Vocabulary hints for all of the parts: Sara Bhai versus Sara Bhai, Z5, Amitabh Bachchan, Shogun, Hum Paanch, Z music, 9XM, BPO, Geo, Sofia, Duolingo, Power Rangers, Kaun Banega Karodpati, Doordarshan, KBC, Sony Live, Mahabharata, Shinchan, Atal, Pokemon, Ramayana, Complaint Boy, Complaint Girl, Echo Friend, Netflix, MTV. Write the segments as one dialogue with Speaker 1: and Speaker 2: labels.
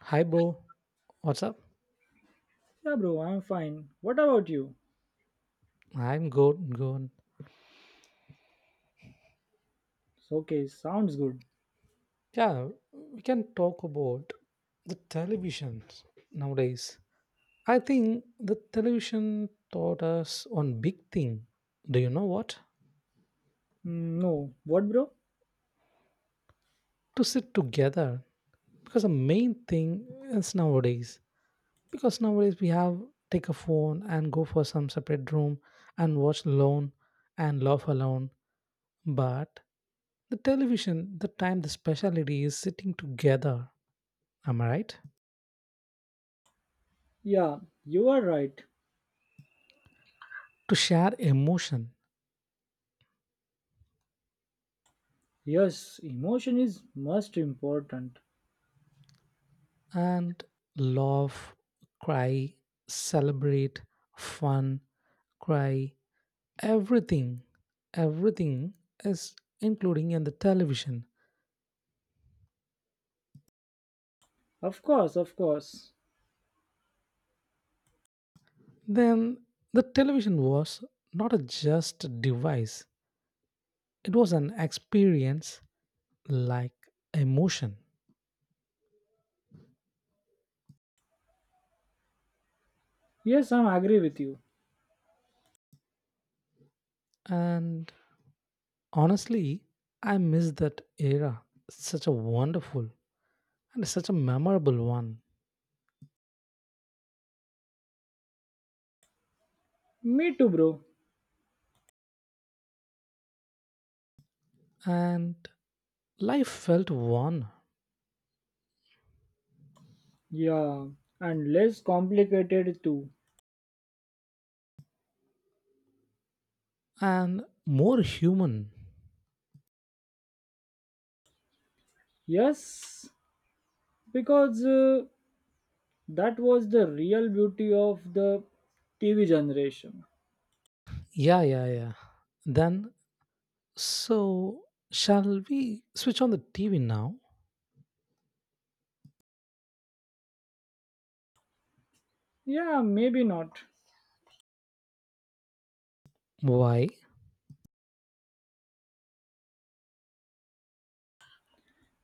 Speaker 1: Hi, bro. What's up?
Speaker 2: Yeah, bro, I'm fine. What about you?
Speaker 1: I'm good.
Speaker 2: Okay, sounds good.
Speaker 1: Yeah, we can talk about the televisions nowadays. I think the television taught us one big thing. Do you know what?
Speaker 2: No, what, bro?
Speaker 1: To sit together. Because the main thing is nowadays. Because nowadays we have take a phone and go for some separate room and watch alone and laugh alone. But the television, the time, the speciality is sitting together. Am I right?
Speaker 2: Yeah, you are right.
Speaker 1: To share emotion
Speaker 2: Yes, emotion is most important.
Speaker 1: and laugh, cry, celebrate, fun, cry, everything, everything is including in the television.
Speaker 2: Of course, of course.
Speaker 1: Then the television was not a just device, it was an experience like emotion.
Speaker 2: Yes, I'm agree with you.
Speaker 1: And honestly, I miss that era. Such a wonderful and such a memorable one.
Speaker 2: Me too, bro.
Speaker 1: And life felt warm
Speaker 2: Yeah, and less complicated too.
Speaker 1: and more human.
Speaker 2: Yes, because that was the real beauty of the TV generation.
Speaker 1: Yeah. Then, so shall we switch on the TV now?
Speaker 2: Yeah, maybe not.
Speaker 1: Why?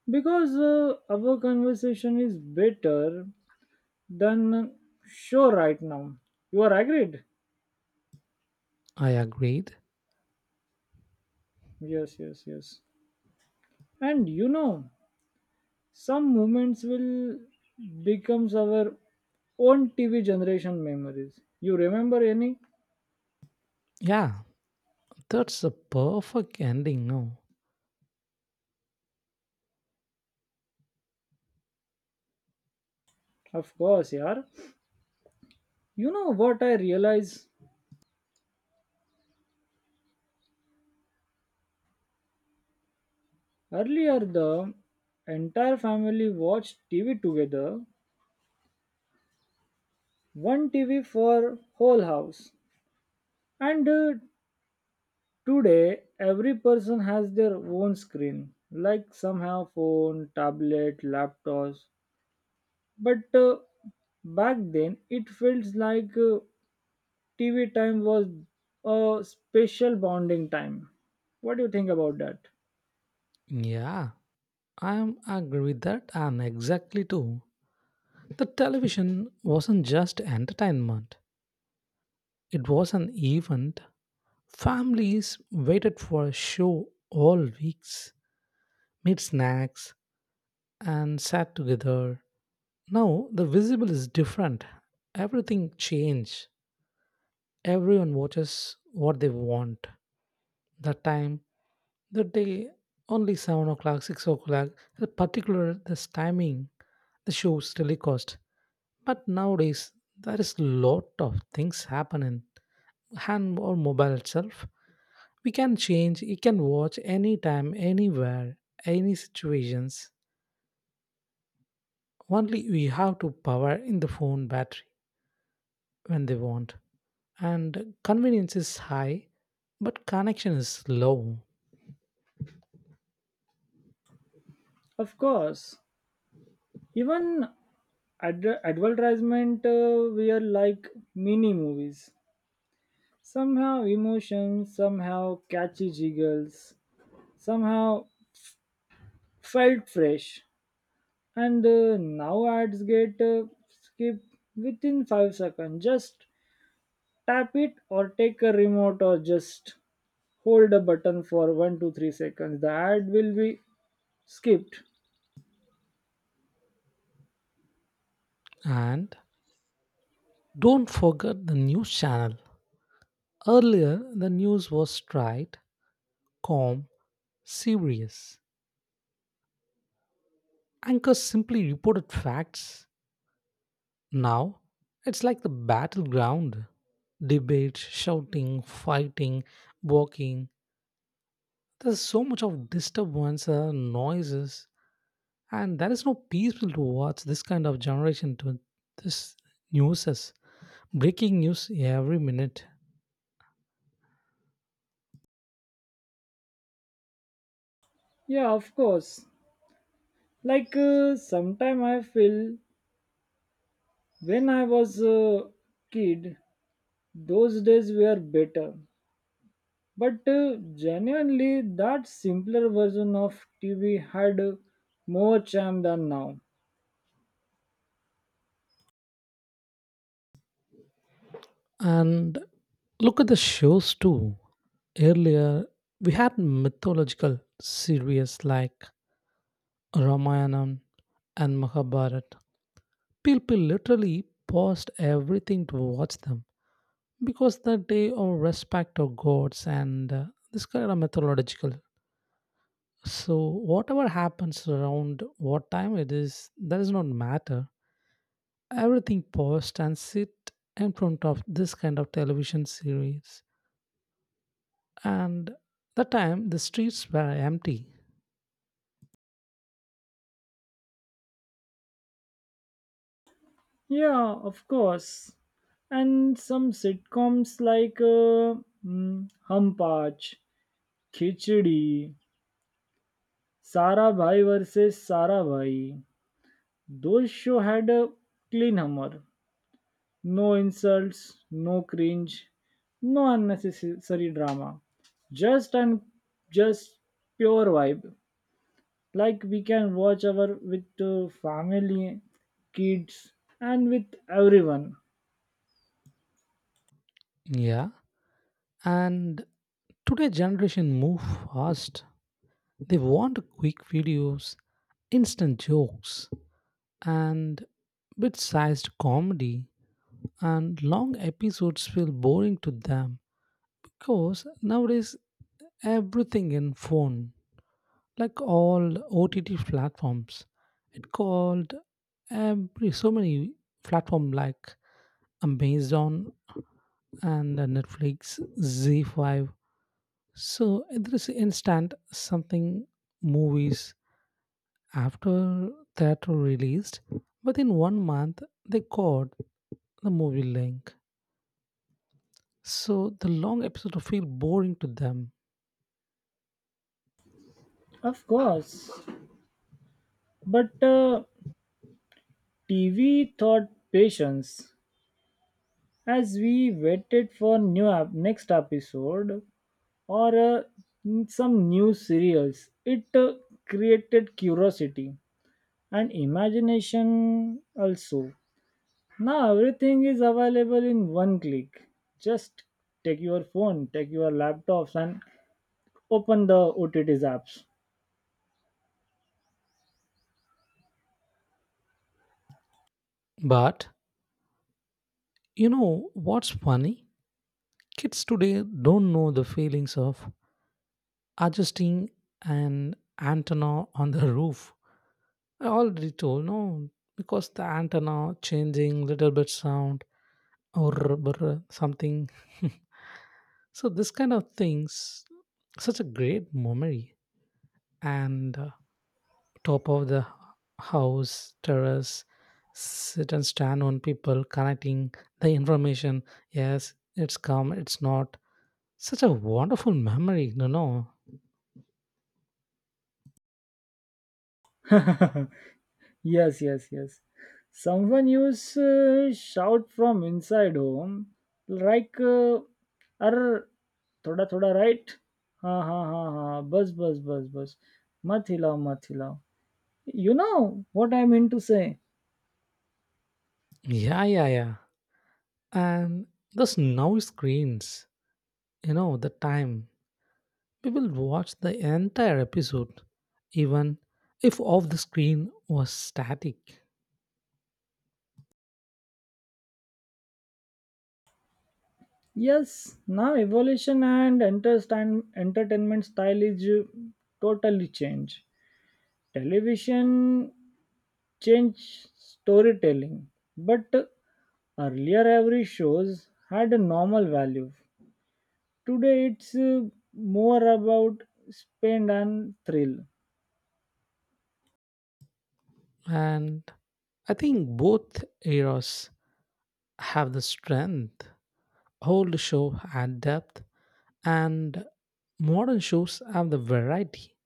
Speaker 2: Because our conversation is better then sure right now. You are agreed?
Speaker 1: I agreed.
Speaker 2: Yes, yes, yes. And you know, some moments will becomes our own TV generation memories. You remember any?
Speaker 1: Yeah, that's a perfect ending, no?
Speaker 2: Of course, yeah. You know what I realized, earlier the entire family watched TV together, one TV for whole house. And Today, every person has their own screen, like some have phone, tablet, laptops. But Back then, it feels like TV time was a special bonding time. What do you think about that?
Speaker 1: Yeah, I am agree with that and exactly too. The television wasn't just entertainment, it was an event. Families waited for a show all weeks, made snacks, and sat together. Now the visible is different. Everything changed. Everyone watches what they want. That time, the day, only 7 o'clock, 6 o'clock, the particular this timing, the show's telecast. But nowadays, there is lot of things happening. Hand or mobile itself, we can change. You can watch anytime, anywhere, any situations. Only we have to power in the phone battery when they want. And convenience is high, but connection is low.
Speaker 2: Of course, even advertisement were like mini movies. Somehow emotions, somehow catchy jiggles, somehow felt fresh. And Now ads get skipped within 5 seconds. Just tap it or take a remote, or just hold a button for 1 to 3 seconds, the ad will be skipped.
Speaker 1: And don't forget the news channel. Earlier, the news was straight, calm, serious. Anchors simply reported facts. Now, it's like the battleground debate, shouting, fighting, walking. There's so much of disturbance, noises, and there is no peaceful to watch this kind of generation to this news. Is. Breaking news every minute.
Speaker 2: Yeah, of course. Sometime I feel when I was a kid, those days were better, but genuinely that simpler version of TV had more charm than now.
Speaker 1: And look at the shows too. Earlier, we had mythological series like Ramayana and Mahabharata. People literally paused everything to watch them because the day of respect of gods and this kind of mythological. So whatever happens around what time it is, that does not matter. Everything paused and sit in front of this kind of television series and that time the streets were empty.
Speaker 2: Yeah, of course. And some sitcoms like Hum Paanch, Khichdi, Sara Bhai versus Sara Bhai. Those show had a clean humor, no insults, no cringe, no unnecessary drama. Just and just pure vibe. Like we can watch our with family, kids, and with everyone.
Speaker 1: Yeah, and today generation move fast. They want quick videos, instant jokes, and bit-sized comedy, and long episodes feel boring to them because nowadays everything in phone, like all OTT platforms, it called every so many platform like Amazon and Netflix, Z5. So there is instant something movies after that were released, but in 1 month they caught the movie link. So the long episode will feel boring to them.
Speaker 2: Of course. But TV taught patience as we waited for next episode or some new serials. It created curiosity and imagination also. Now everything is available in one click. Just take your phone, take your laptops, and open the OTT apps.
Speaker 1: But you know what's funny? Kids today don't know the feelings of adjusting an antenna on the roof. I already told no because the antenna changing little bit sound or brr, something. So this kind of things, such a great memory. And top of the house terrace, sit and stand on people connecting the information. Yes, it's come, it's not. Such a wonderful memory, you know.
Speaker 2: Yes, yes, yes. Someone used shout from inside home, like, "or thoda थोड़ा right? Ha ha ha ha. बस बस बस बस मत हिलाओ मत हिलाओ." You know what I mean to say?
Speaker 1: Yeah. And those now screens, you know, the time people watch the entire episode, even if off the screen was static.
Speaker 2: Yes. Now evolution and entertainment style is totally changed. Television changed storytelling, but earlier every shows had a normal value. Today it's more about spend and thrill.
Speaker 1: And I think both eras have the strength. Old show had depth, and modern shows have the variety.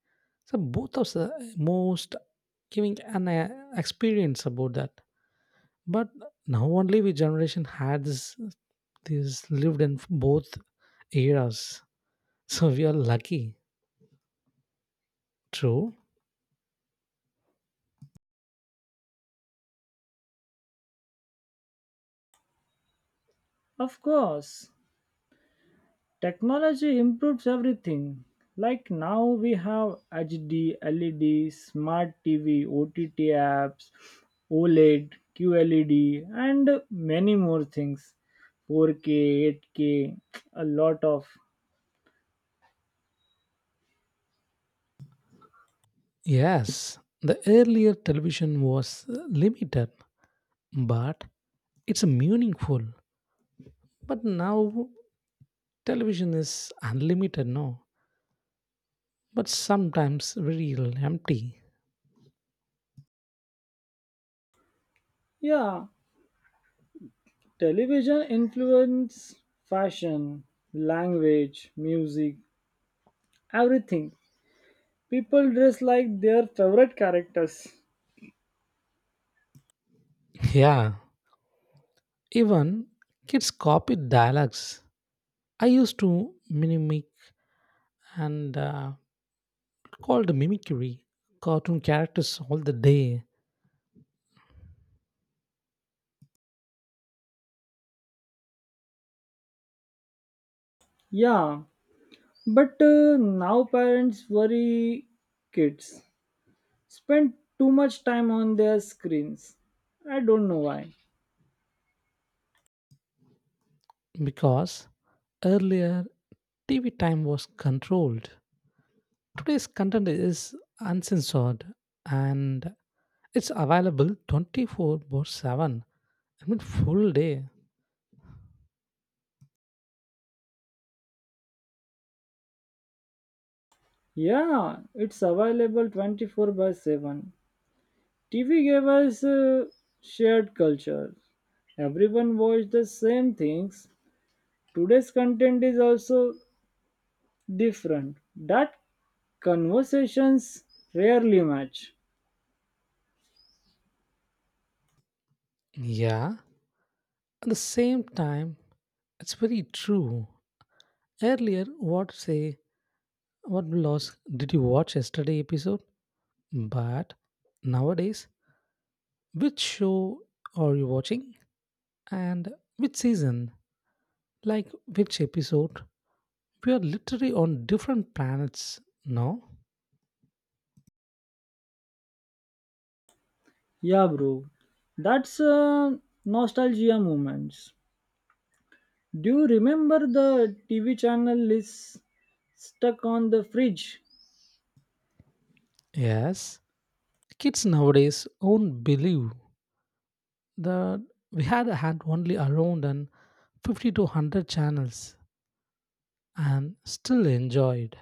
Speaker 1: So both of the most giving an experience about that. But now only we generation had this, lived in both eras. So we are lucky. True.
Speaker 2: Of course, technology improves everything. Like now we have HD, LED, smart TV, OTT apps, OLED, QLED, and many more things. 4K, 8K, a lot of.
Speaker 1: Yes, the earlier television was limited, but it's meaningful. But now television is unlimited, no? But sometimes very empty.
Speaker 2: Yeah, television influence fashion, language, music, everything. People dress like their favorite characters.
Speaker 1: Yeah. Even kids copy dialects. I used to mimic and called mimicry cartoon characters all the day
Speaker 2: Yeah, but now parents worry kids spend too much time on their screens. I don't know why.
Speaker 1: because earlier TV time was controlled. Today's content is uncensored and it's available 24 by 7. I mean, full day.
Speaker 2: Yeah, it's available 24 by 7. TV gave us shared culture. Everyone watched the same things. Today's content is also different. That conversations rarely match.
Speaker 1: Yeah, at the same time, it's very true. Earlier, what say what loss did you watch yesterday episode? But nowadays, which show are you watching and which season? Like which episode? We are literally on different planets. No.
Speaker 2: Yeah, bro. That's nostalgia moments. Do you remember the TV channel is stuck on the fridge?
Speaker 1: Yes, kids nowadays won't believe that we had only around and 50 to 100 channels and still enjoyed.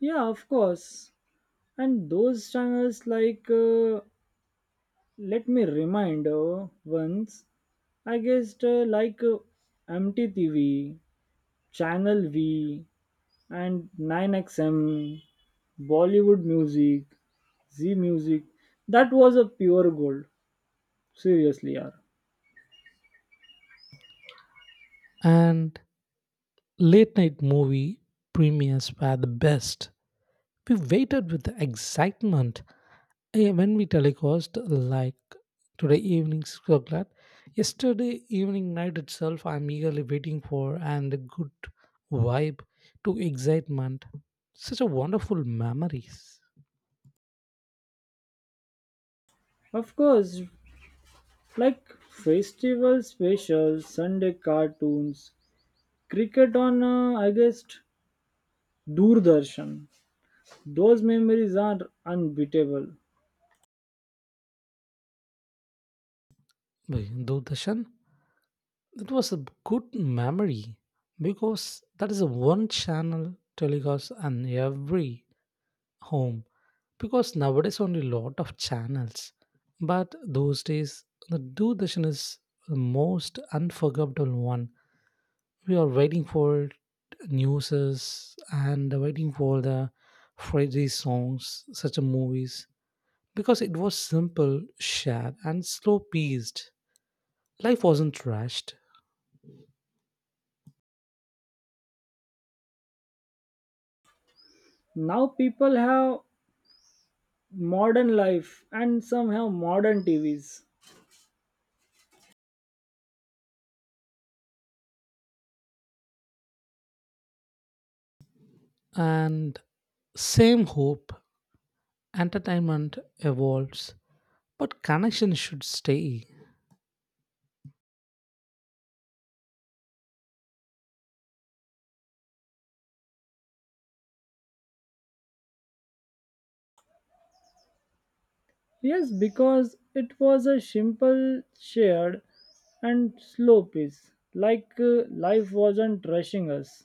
Speaker 2: Yeah, of course. And those channels like, let me remind once, I guess MTV, Channel V, and 9XM, Bollywood music, Z music. That was a pure gold. Seriously, yeah.
Speaker 1: And late night movie premieres were the best. We waited with excitement. Eh, when we telecast, like today evening 6 o'clock, right? Yesterday evening night itself, I'm eagerly waiting for and a good vibe to excitement. Such a wonderful memories.
Speaker 2: Of course, like festival specials, Sunday cartoons, cricket on I guess Doordarshan. Those memories are unbeatable.
Speaker 1: By Doordarshan. That was a good memory because that is a one channel telecast on every home. Because nowadays only lot of channels, but those days the Doordarshan is the most unforgettable one. We are waiting for newses and waiting for the Friday songs, such a movies because it was simple, shared, and slow paced. Life wasn't rushed,
Speaker 2: Now people have modern life and some have modern TVs.
Speaker 1: and same hope. Entertainment evolves, but connection should stay.
Speaker 2: Yes, because it was a simple, shared, and slow pace. Life wasn't rushing us.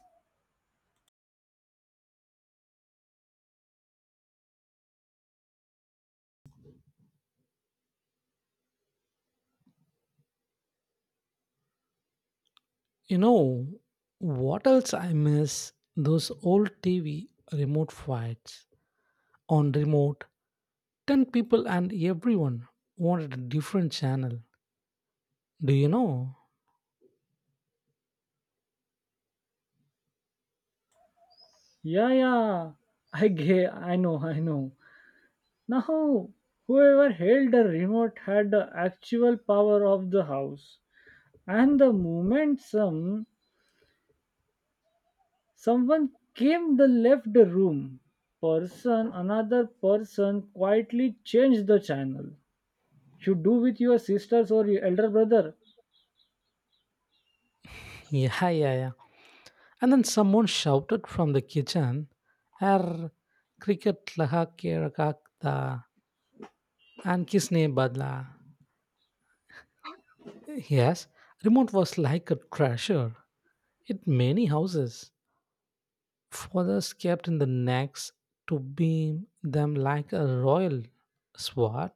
Speaker 1: You know, what else I miss? Those old TV remote fights. On remote, 10 people and everyone wanted a different channel. Do you know?
Speaker 2: Yeah, yeah. I get. I know. I know. Now, whoever held the remote had the actual power of the house, and the moment someone came the left the room, person another person quietly changed the channel. You do with your sisters or your elder brother.
Speaker 1: Yeah. And then someone shouted from the kitchen, "Er, cricket laha ke rakha and kisne badla." Yes, remote was like a treasure in many houses. Fathers kept in the necks to beam them like a royal sword.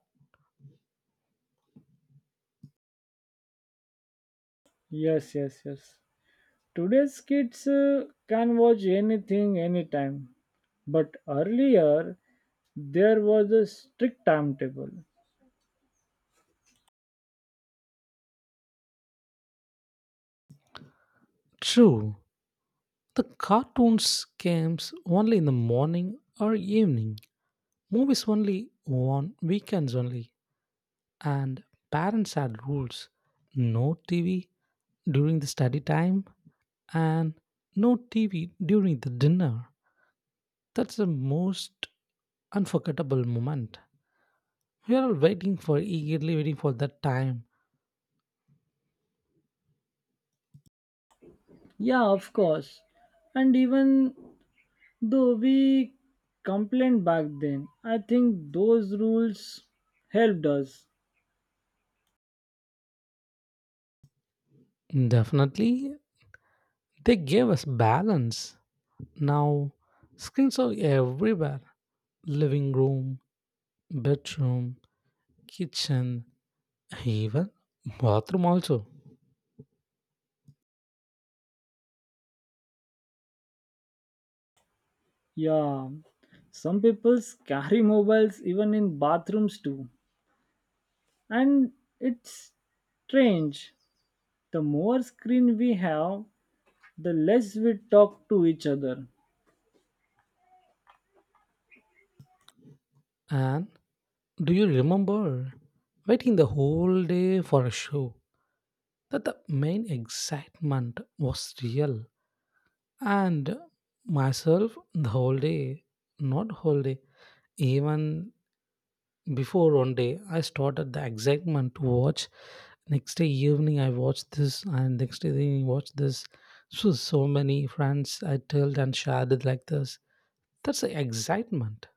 Speaker 2: Yes, yes, yes. Today's kids can watch anything, anytime. But earlier, there was a strict timetable.
Speaker 1: True, the cartoons came only in the morning or evening. Movies only on weekends only. And parents had rules. No TV during the study time and no TV during the dinner. That's the most unforgettable moment. We are all waiting for, eagerly waiting for that time.
Speaker 2: Yeah, of course. And even though we complained back then, I think those rules helped us.
Speaker 1: Definitely, they gave us balance. Now, screens are everywhere: living room, bedroom, kitchen, even bathroom also.
Speaker 2: Yeah, some people carry mobiles even in bathrooms too. And it's strange. The more screen we have, the less we talk to each other.
Speaker 1: And do you remember waiting the whole day for a show? That the main excitement was real. And myself the whole day, not whole day, even before 1 day I started the excitement to watch next day evening I watched this and next day evening watched this. So so many friends I told and shared it like this. That's the excitement.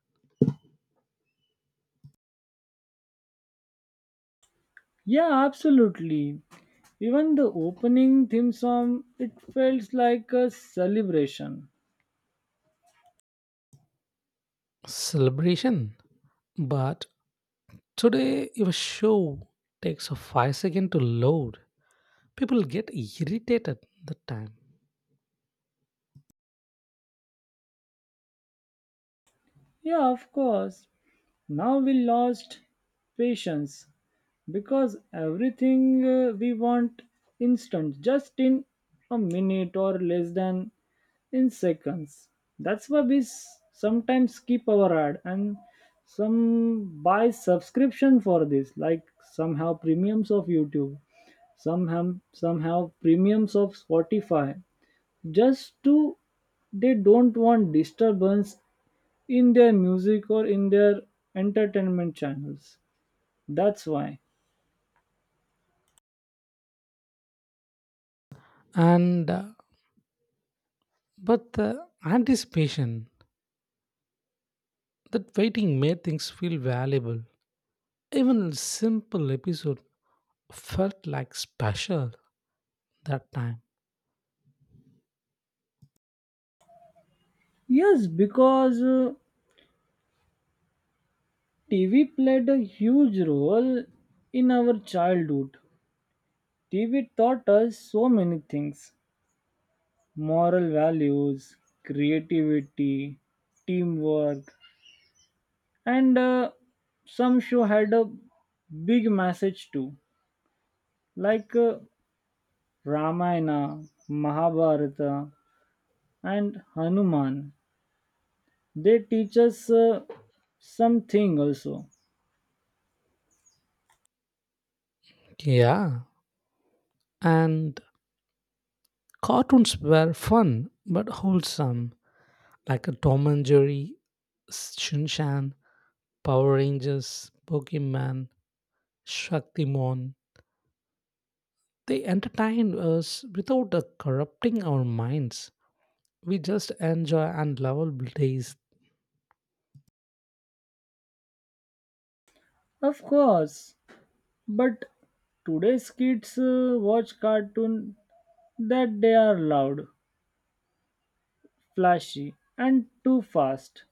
Speaker 2: Yeah, absolutely. Even the opening theme song, it feels like a celebration.
Speaker 1: Celebration, but today if a show takes a 5 second to load, people get irritated that time.
Speaker 2: Yeah, of course. Now we lost patience, because everything we want instant, just in a minute or less than in seconds. That's why we sometimes skip our ad, and some buy subscription for this. Like some have premiums of YouTube, some have premiums of Spotify, just to, they don't want disturbance in their music or in their entertainment channels. That's why.
Speaker 1: And but the anticipation, that waiting made things feel valuable. Even a simple episode felt like special that time.
Speaker 2: Yes, because TV played a huge role in our childhood. TV taught us so many things: moral values, creativity, teamwork, and some show had a big message too, like Ramayana, Mahabharata, and Hanuman. They teach us something also.
Speaker 1: Yeah, and cartoons were fun but wholesome, like a Tom and Jerry, Shinchan, Power Rangers, Pokemon, Shaktimon. They entertained us without corrupting our minds. We just enjoy and lovable days.
Speaker 2: Of course, but today's kids watch cartoon that they are loud, flashy, and too fast.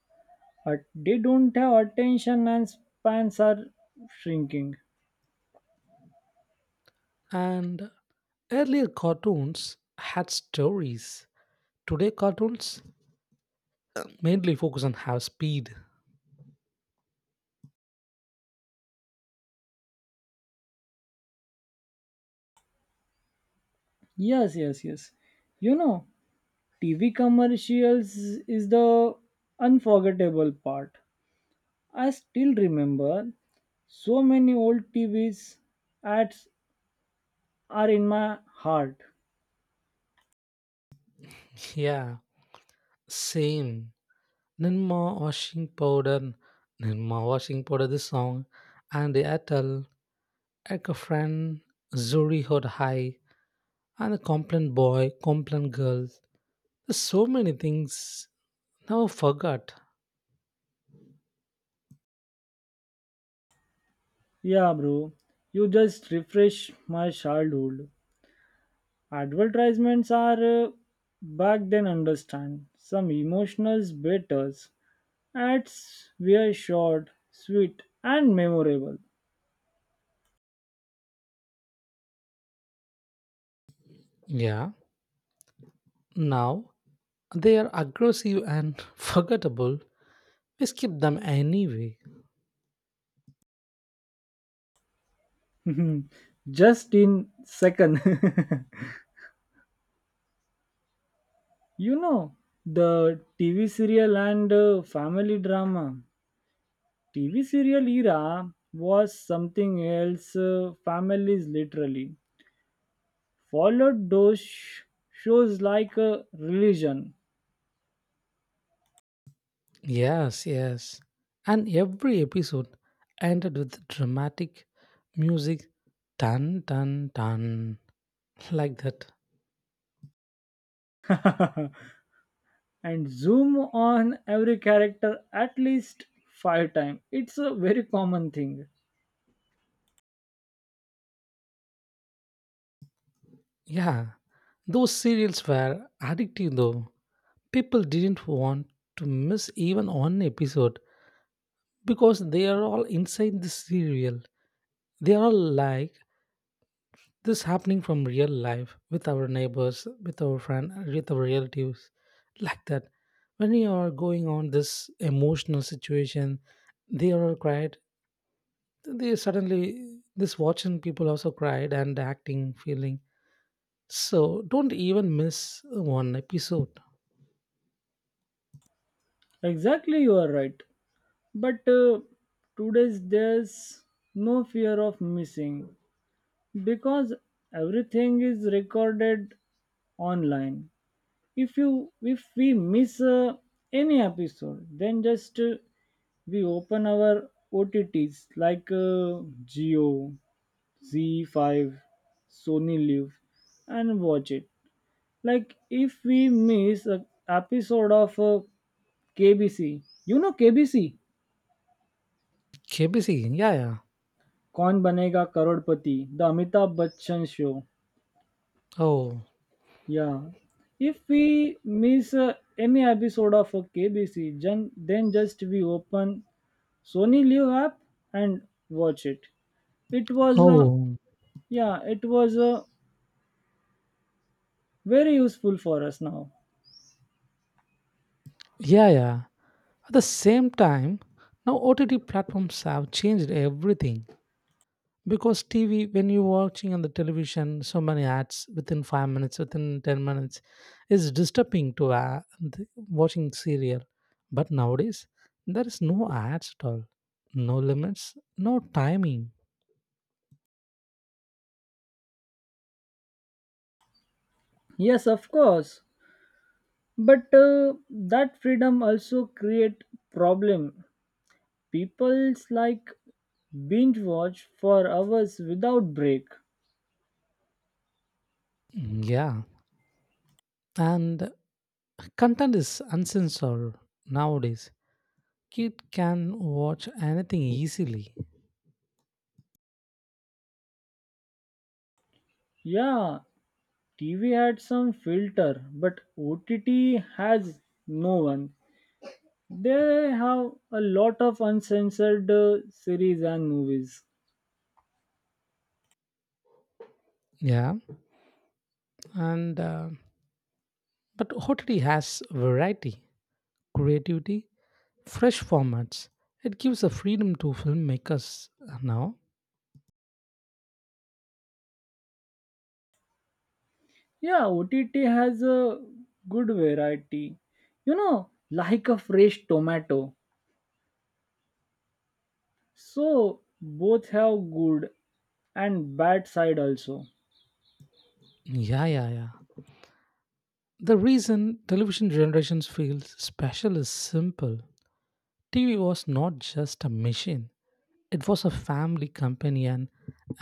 Speaker 2: But they don't have attention, and spans are shrinking.
Speaker 1: And earlier cartoons had stories. Today, cartoons mainly focus on how speed.
Speaker 2: Yes, yes, yes. You know, TV commercials is the unforgettable part. I still remember so many old TVs ads are in my heart.
Speaker 1: Yeah, same. Ninma washing powder, Ninma washing powder, this song, and the Atal, Echo Friend, Zuri Hot High, and the Complaint Boy, Complaint Girl. There's so many things never forgot.
Speaker 2: Yeah, bro, you just refresh my childhood. Advertisements are, back then, understand some emotional batters. Ads were short, sweet, and memorable.
Speaker 1: Yeah, now they are aggressive and forgettable. We skip them anyway.
Speaker 2: Just in second. You know the TV serial and family drama. TV serial era was something else. Families literally followed those shows like a religion.
Speaker 1: Yes, yes. And every episode ended with dramatic music, tan tan tan, like that.
Speaker 2: And zoom on every character at least 5 times. It's a very common thing.
Speaker 1: Yeah, those serials were addictive though. People didn't want to miss even one episode because they are all inside the serial. They are all like this happening from real life with our neighbors, with our friend, with our relatives, like that. When you are going on this emotional situation, they are all cried. They suddenly this watching people also cried and acting, feeling. So don't even miss one episode.
Speaker 2: Exactly, you are right. But today's there's no fear of missing, because everything is recorded online. If we miss any episode, then just we open our OTTs like Geo, Z5, Sony Live, and watch it. Like if we miss a episode of KBC. You know KBC,
Speaker 1: KBC, yeah, yeah.
Speaker 2: Kaun Banega Karodpati, the Amitabh Bachchan show.
Speaker 1: Oh,
Speaker 2: Yeah. If we miss any episode of KBC, then just we open Sony Live app and watch it. It was
Speaker 1: oh,
Speaker 2: Yeah, it was very useful for us now.
Speaker 1: yeah, yeah. At the same time, now OTT platforms have changed everything. Because TV when you're watching on the television so many ads within 5 minutes within 10 minutes is disturbing to watching serial. But nowadays there is no ads at all, no limits, no timing.
Speaker 2: Yes, of course. But that freedom also create problem. People's like binge watch for hours without break.
Speaker 1: Yeah, and content is uncensored nowadays. Kid can watch anything easily.
Speaker 2: Yeah, TV had some filter, but OTT has no one. They have a lot of uncensored series and movies.
Speaker 1: Yeah, and but OTT has variety, creativity, fresh formats. It gives a freedom to filmmakers now.
Speaker 2: Yeah, OTT has a good variety. You know, like a fresh tomato. So both have good and bad side also.
Speaker 1: Yeah. The reason television generations feel special is simple. TV was not just a machine. It was a family companion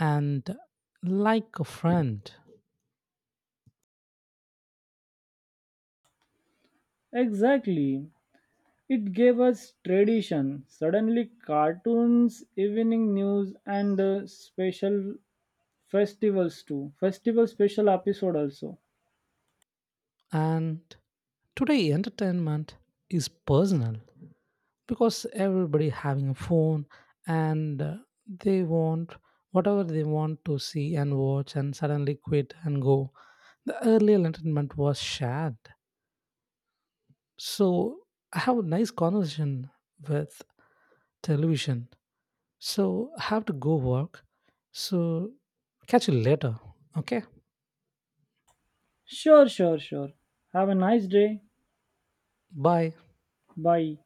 Speaker 1: and like a friend.
Speaker 2: Exactly. It gave us tradition. Suddenly, cartoons, evening news, and special festivals too. Festival special episode also.
Speaker 1: And today entertainment is personal. Because everybody having a phone and they want whatever they want to see and watch and suddenly quit and go. The earlier entertainment was shared. So I have a nice conversation with television. So I have to go work. So catch you later, okay?
Speaker 2: Sure, sure, sure. Have a nice day.
Speaker 1: Bye.
Speaker 2: Bye.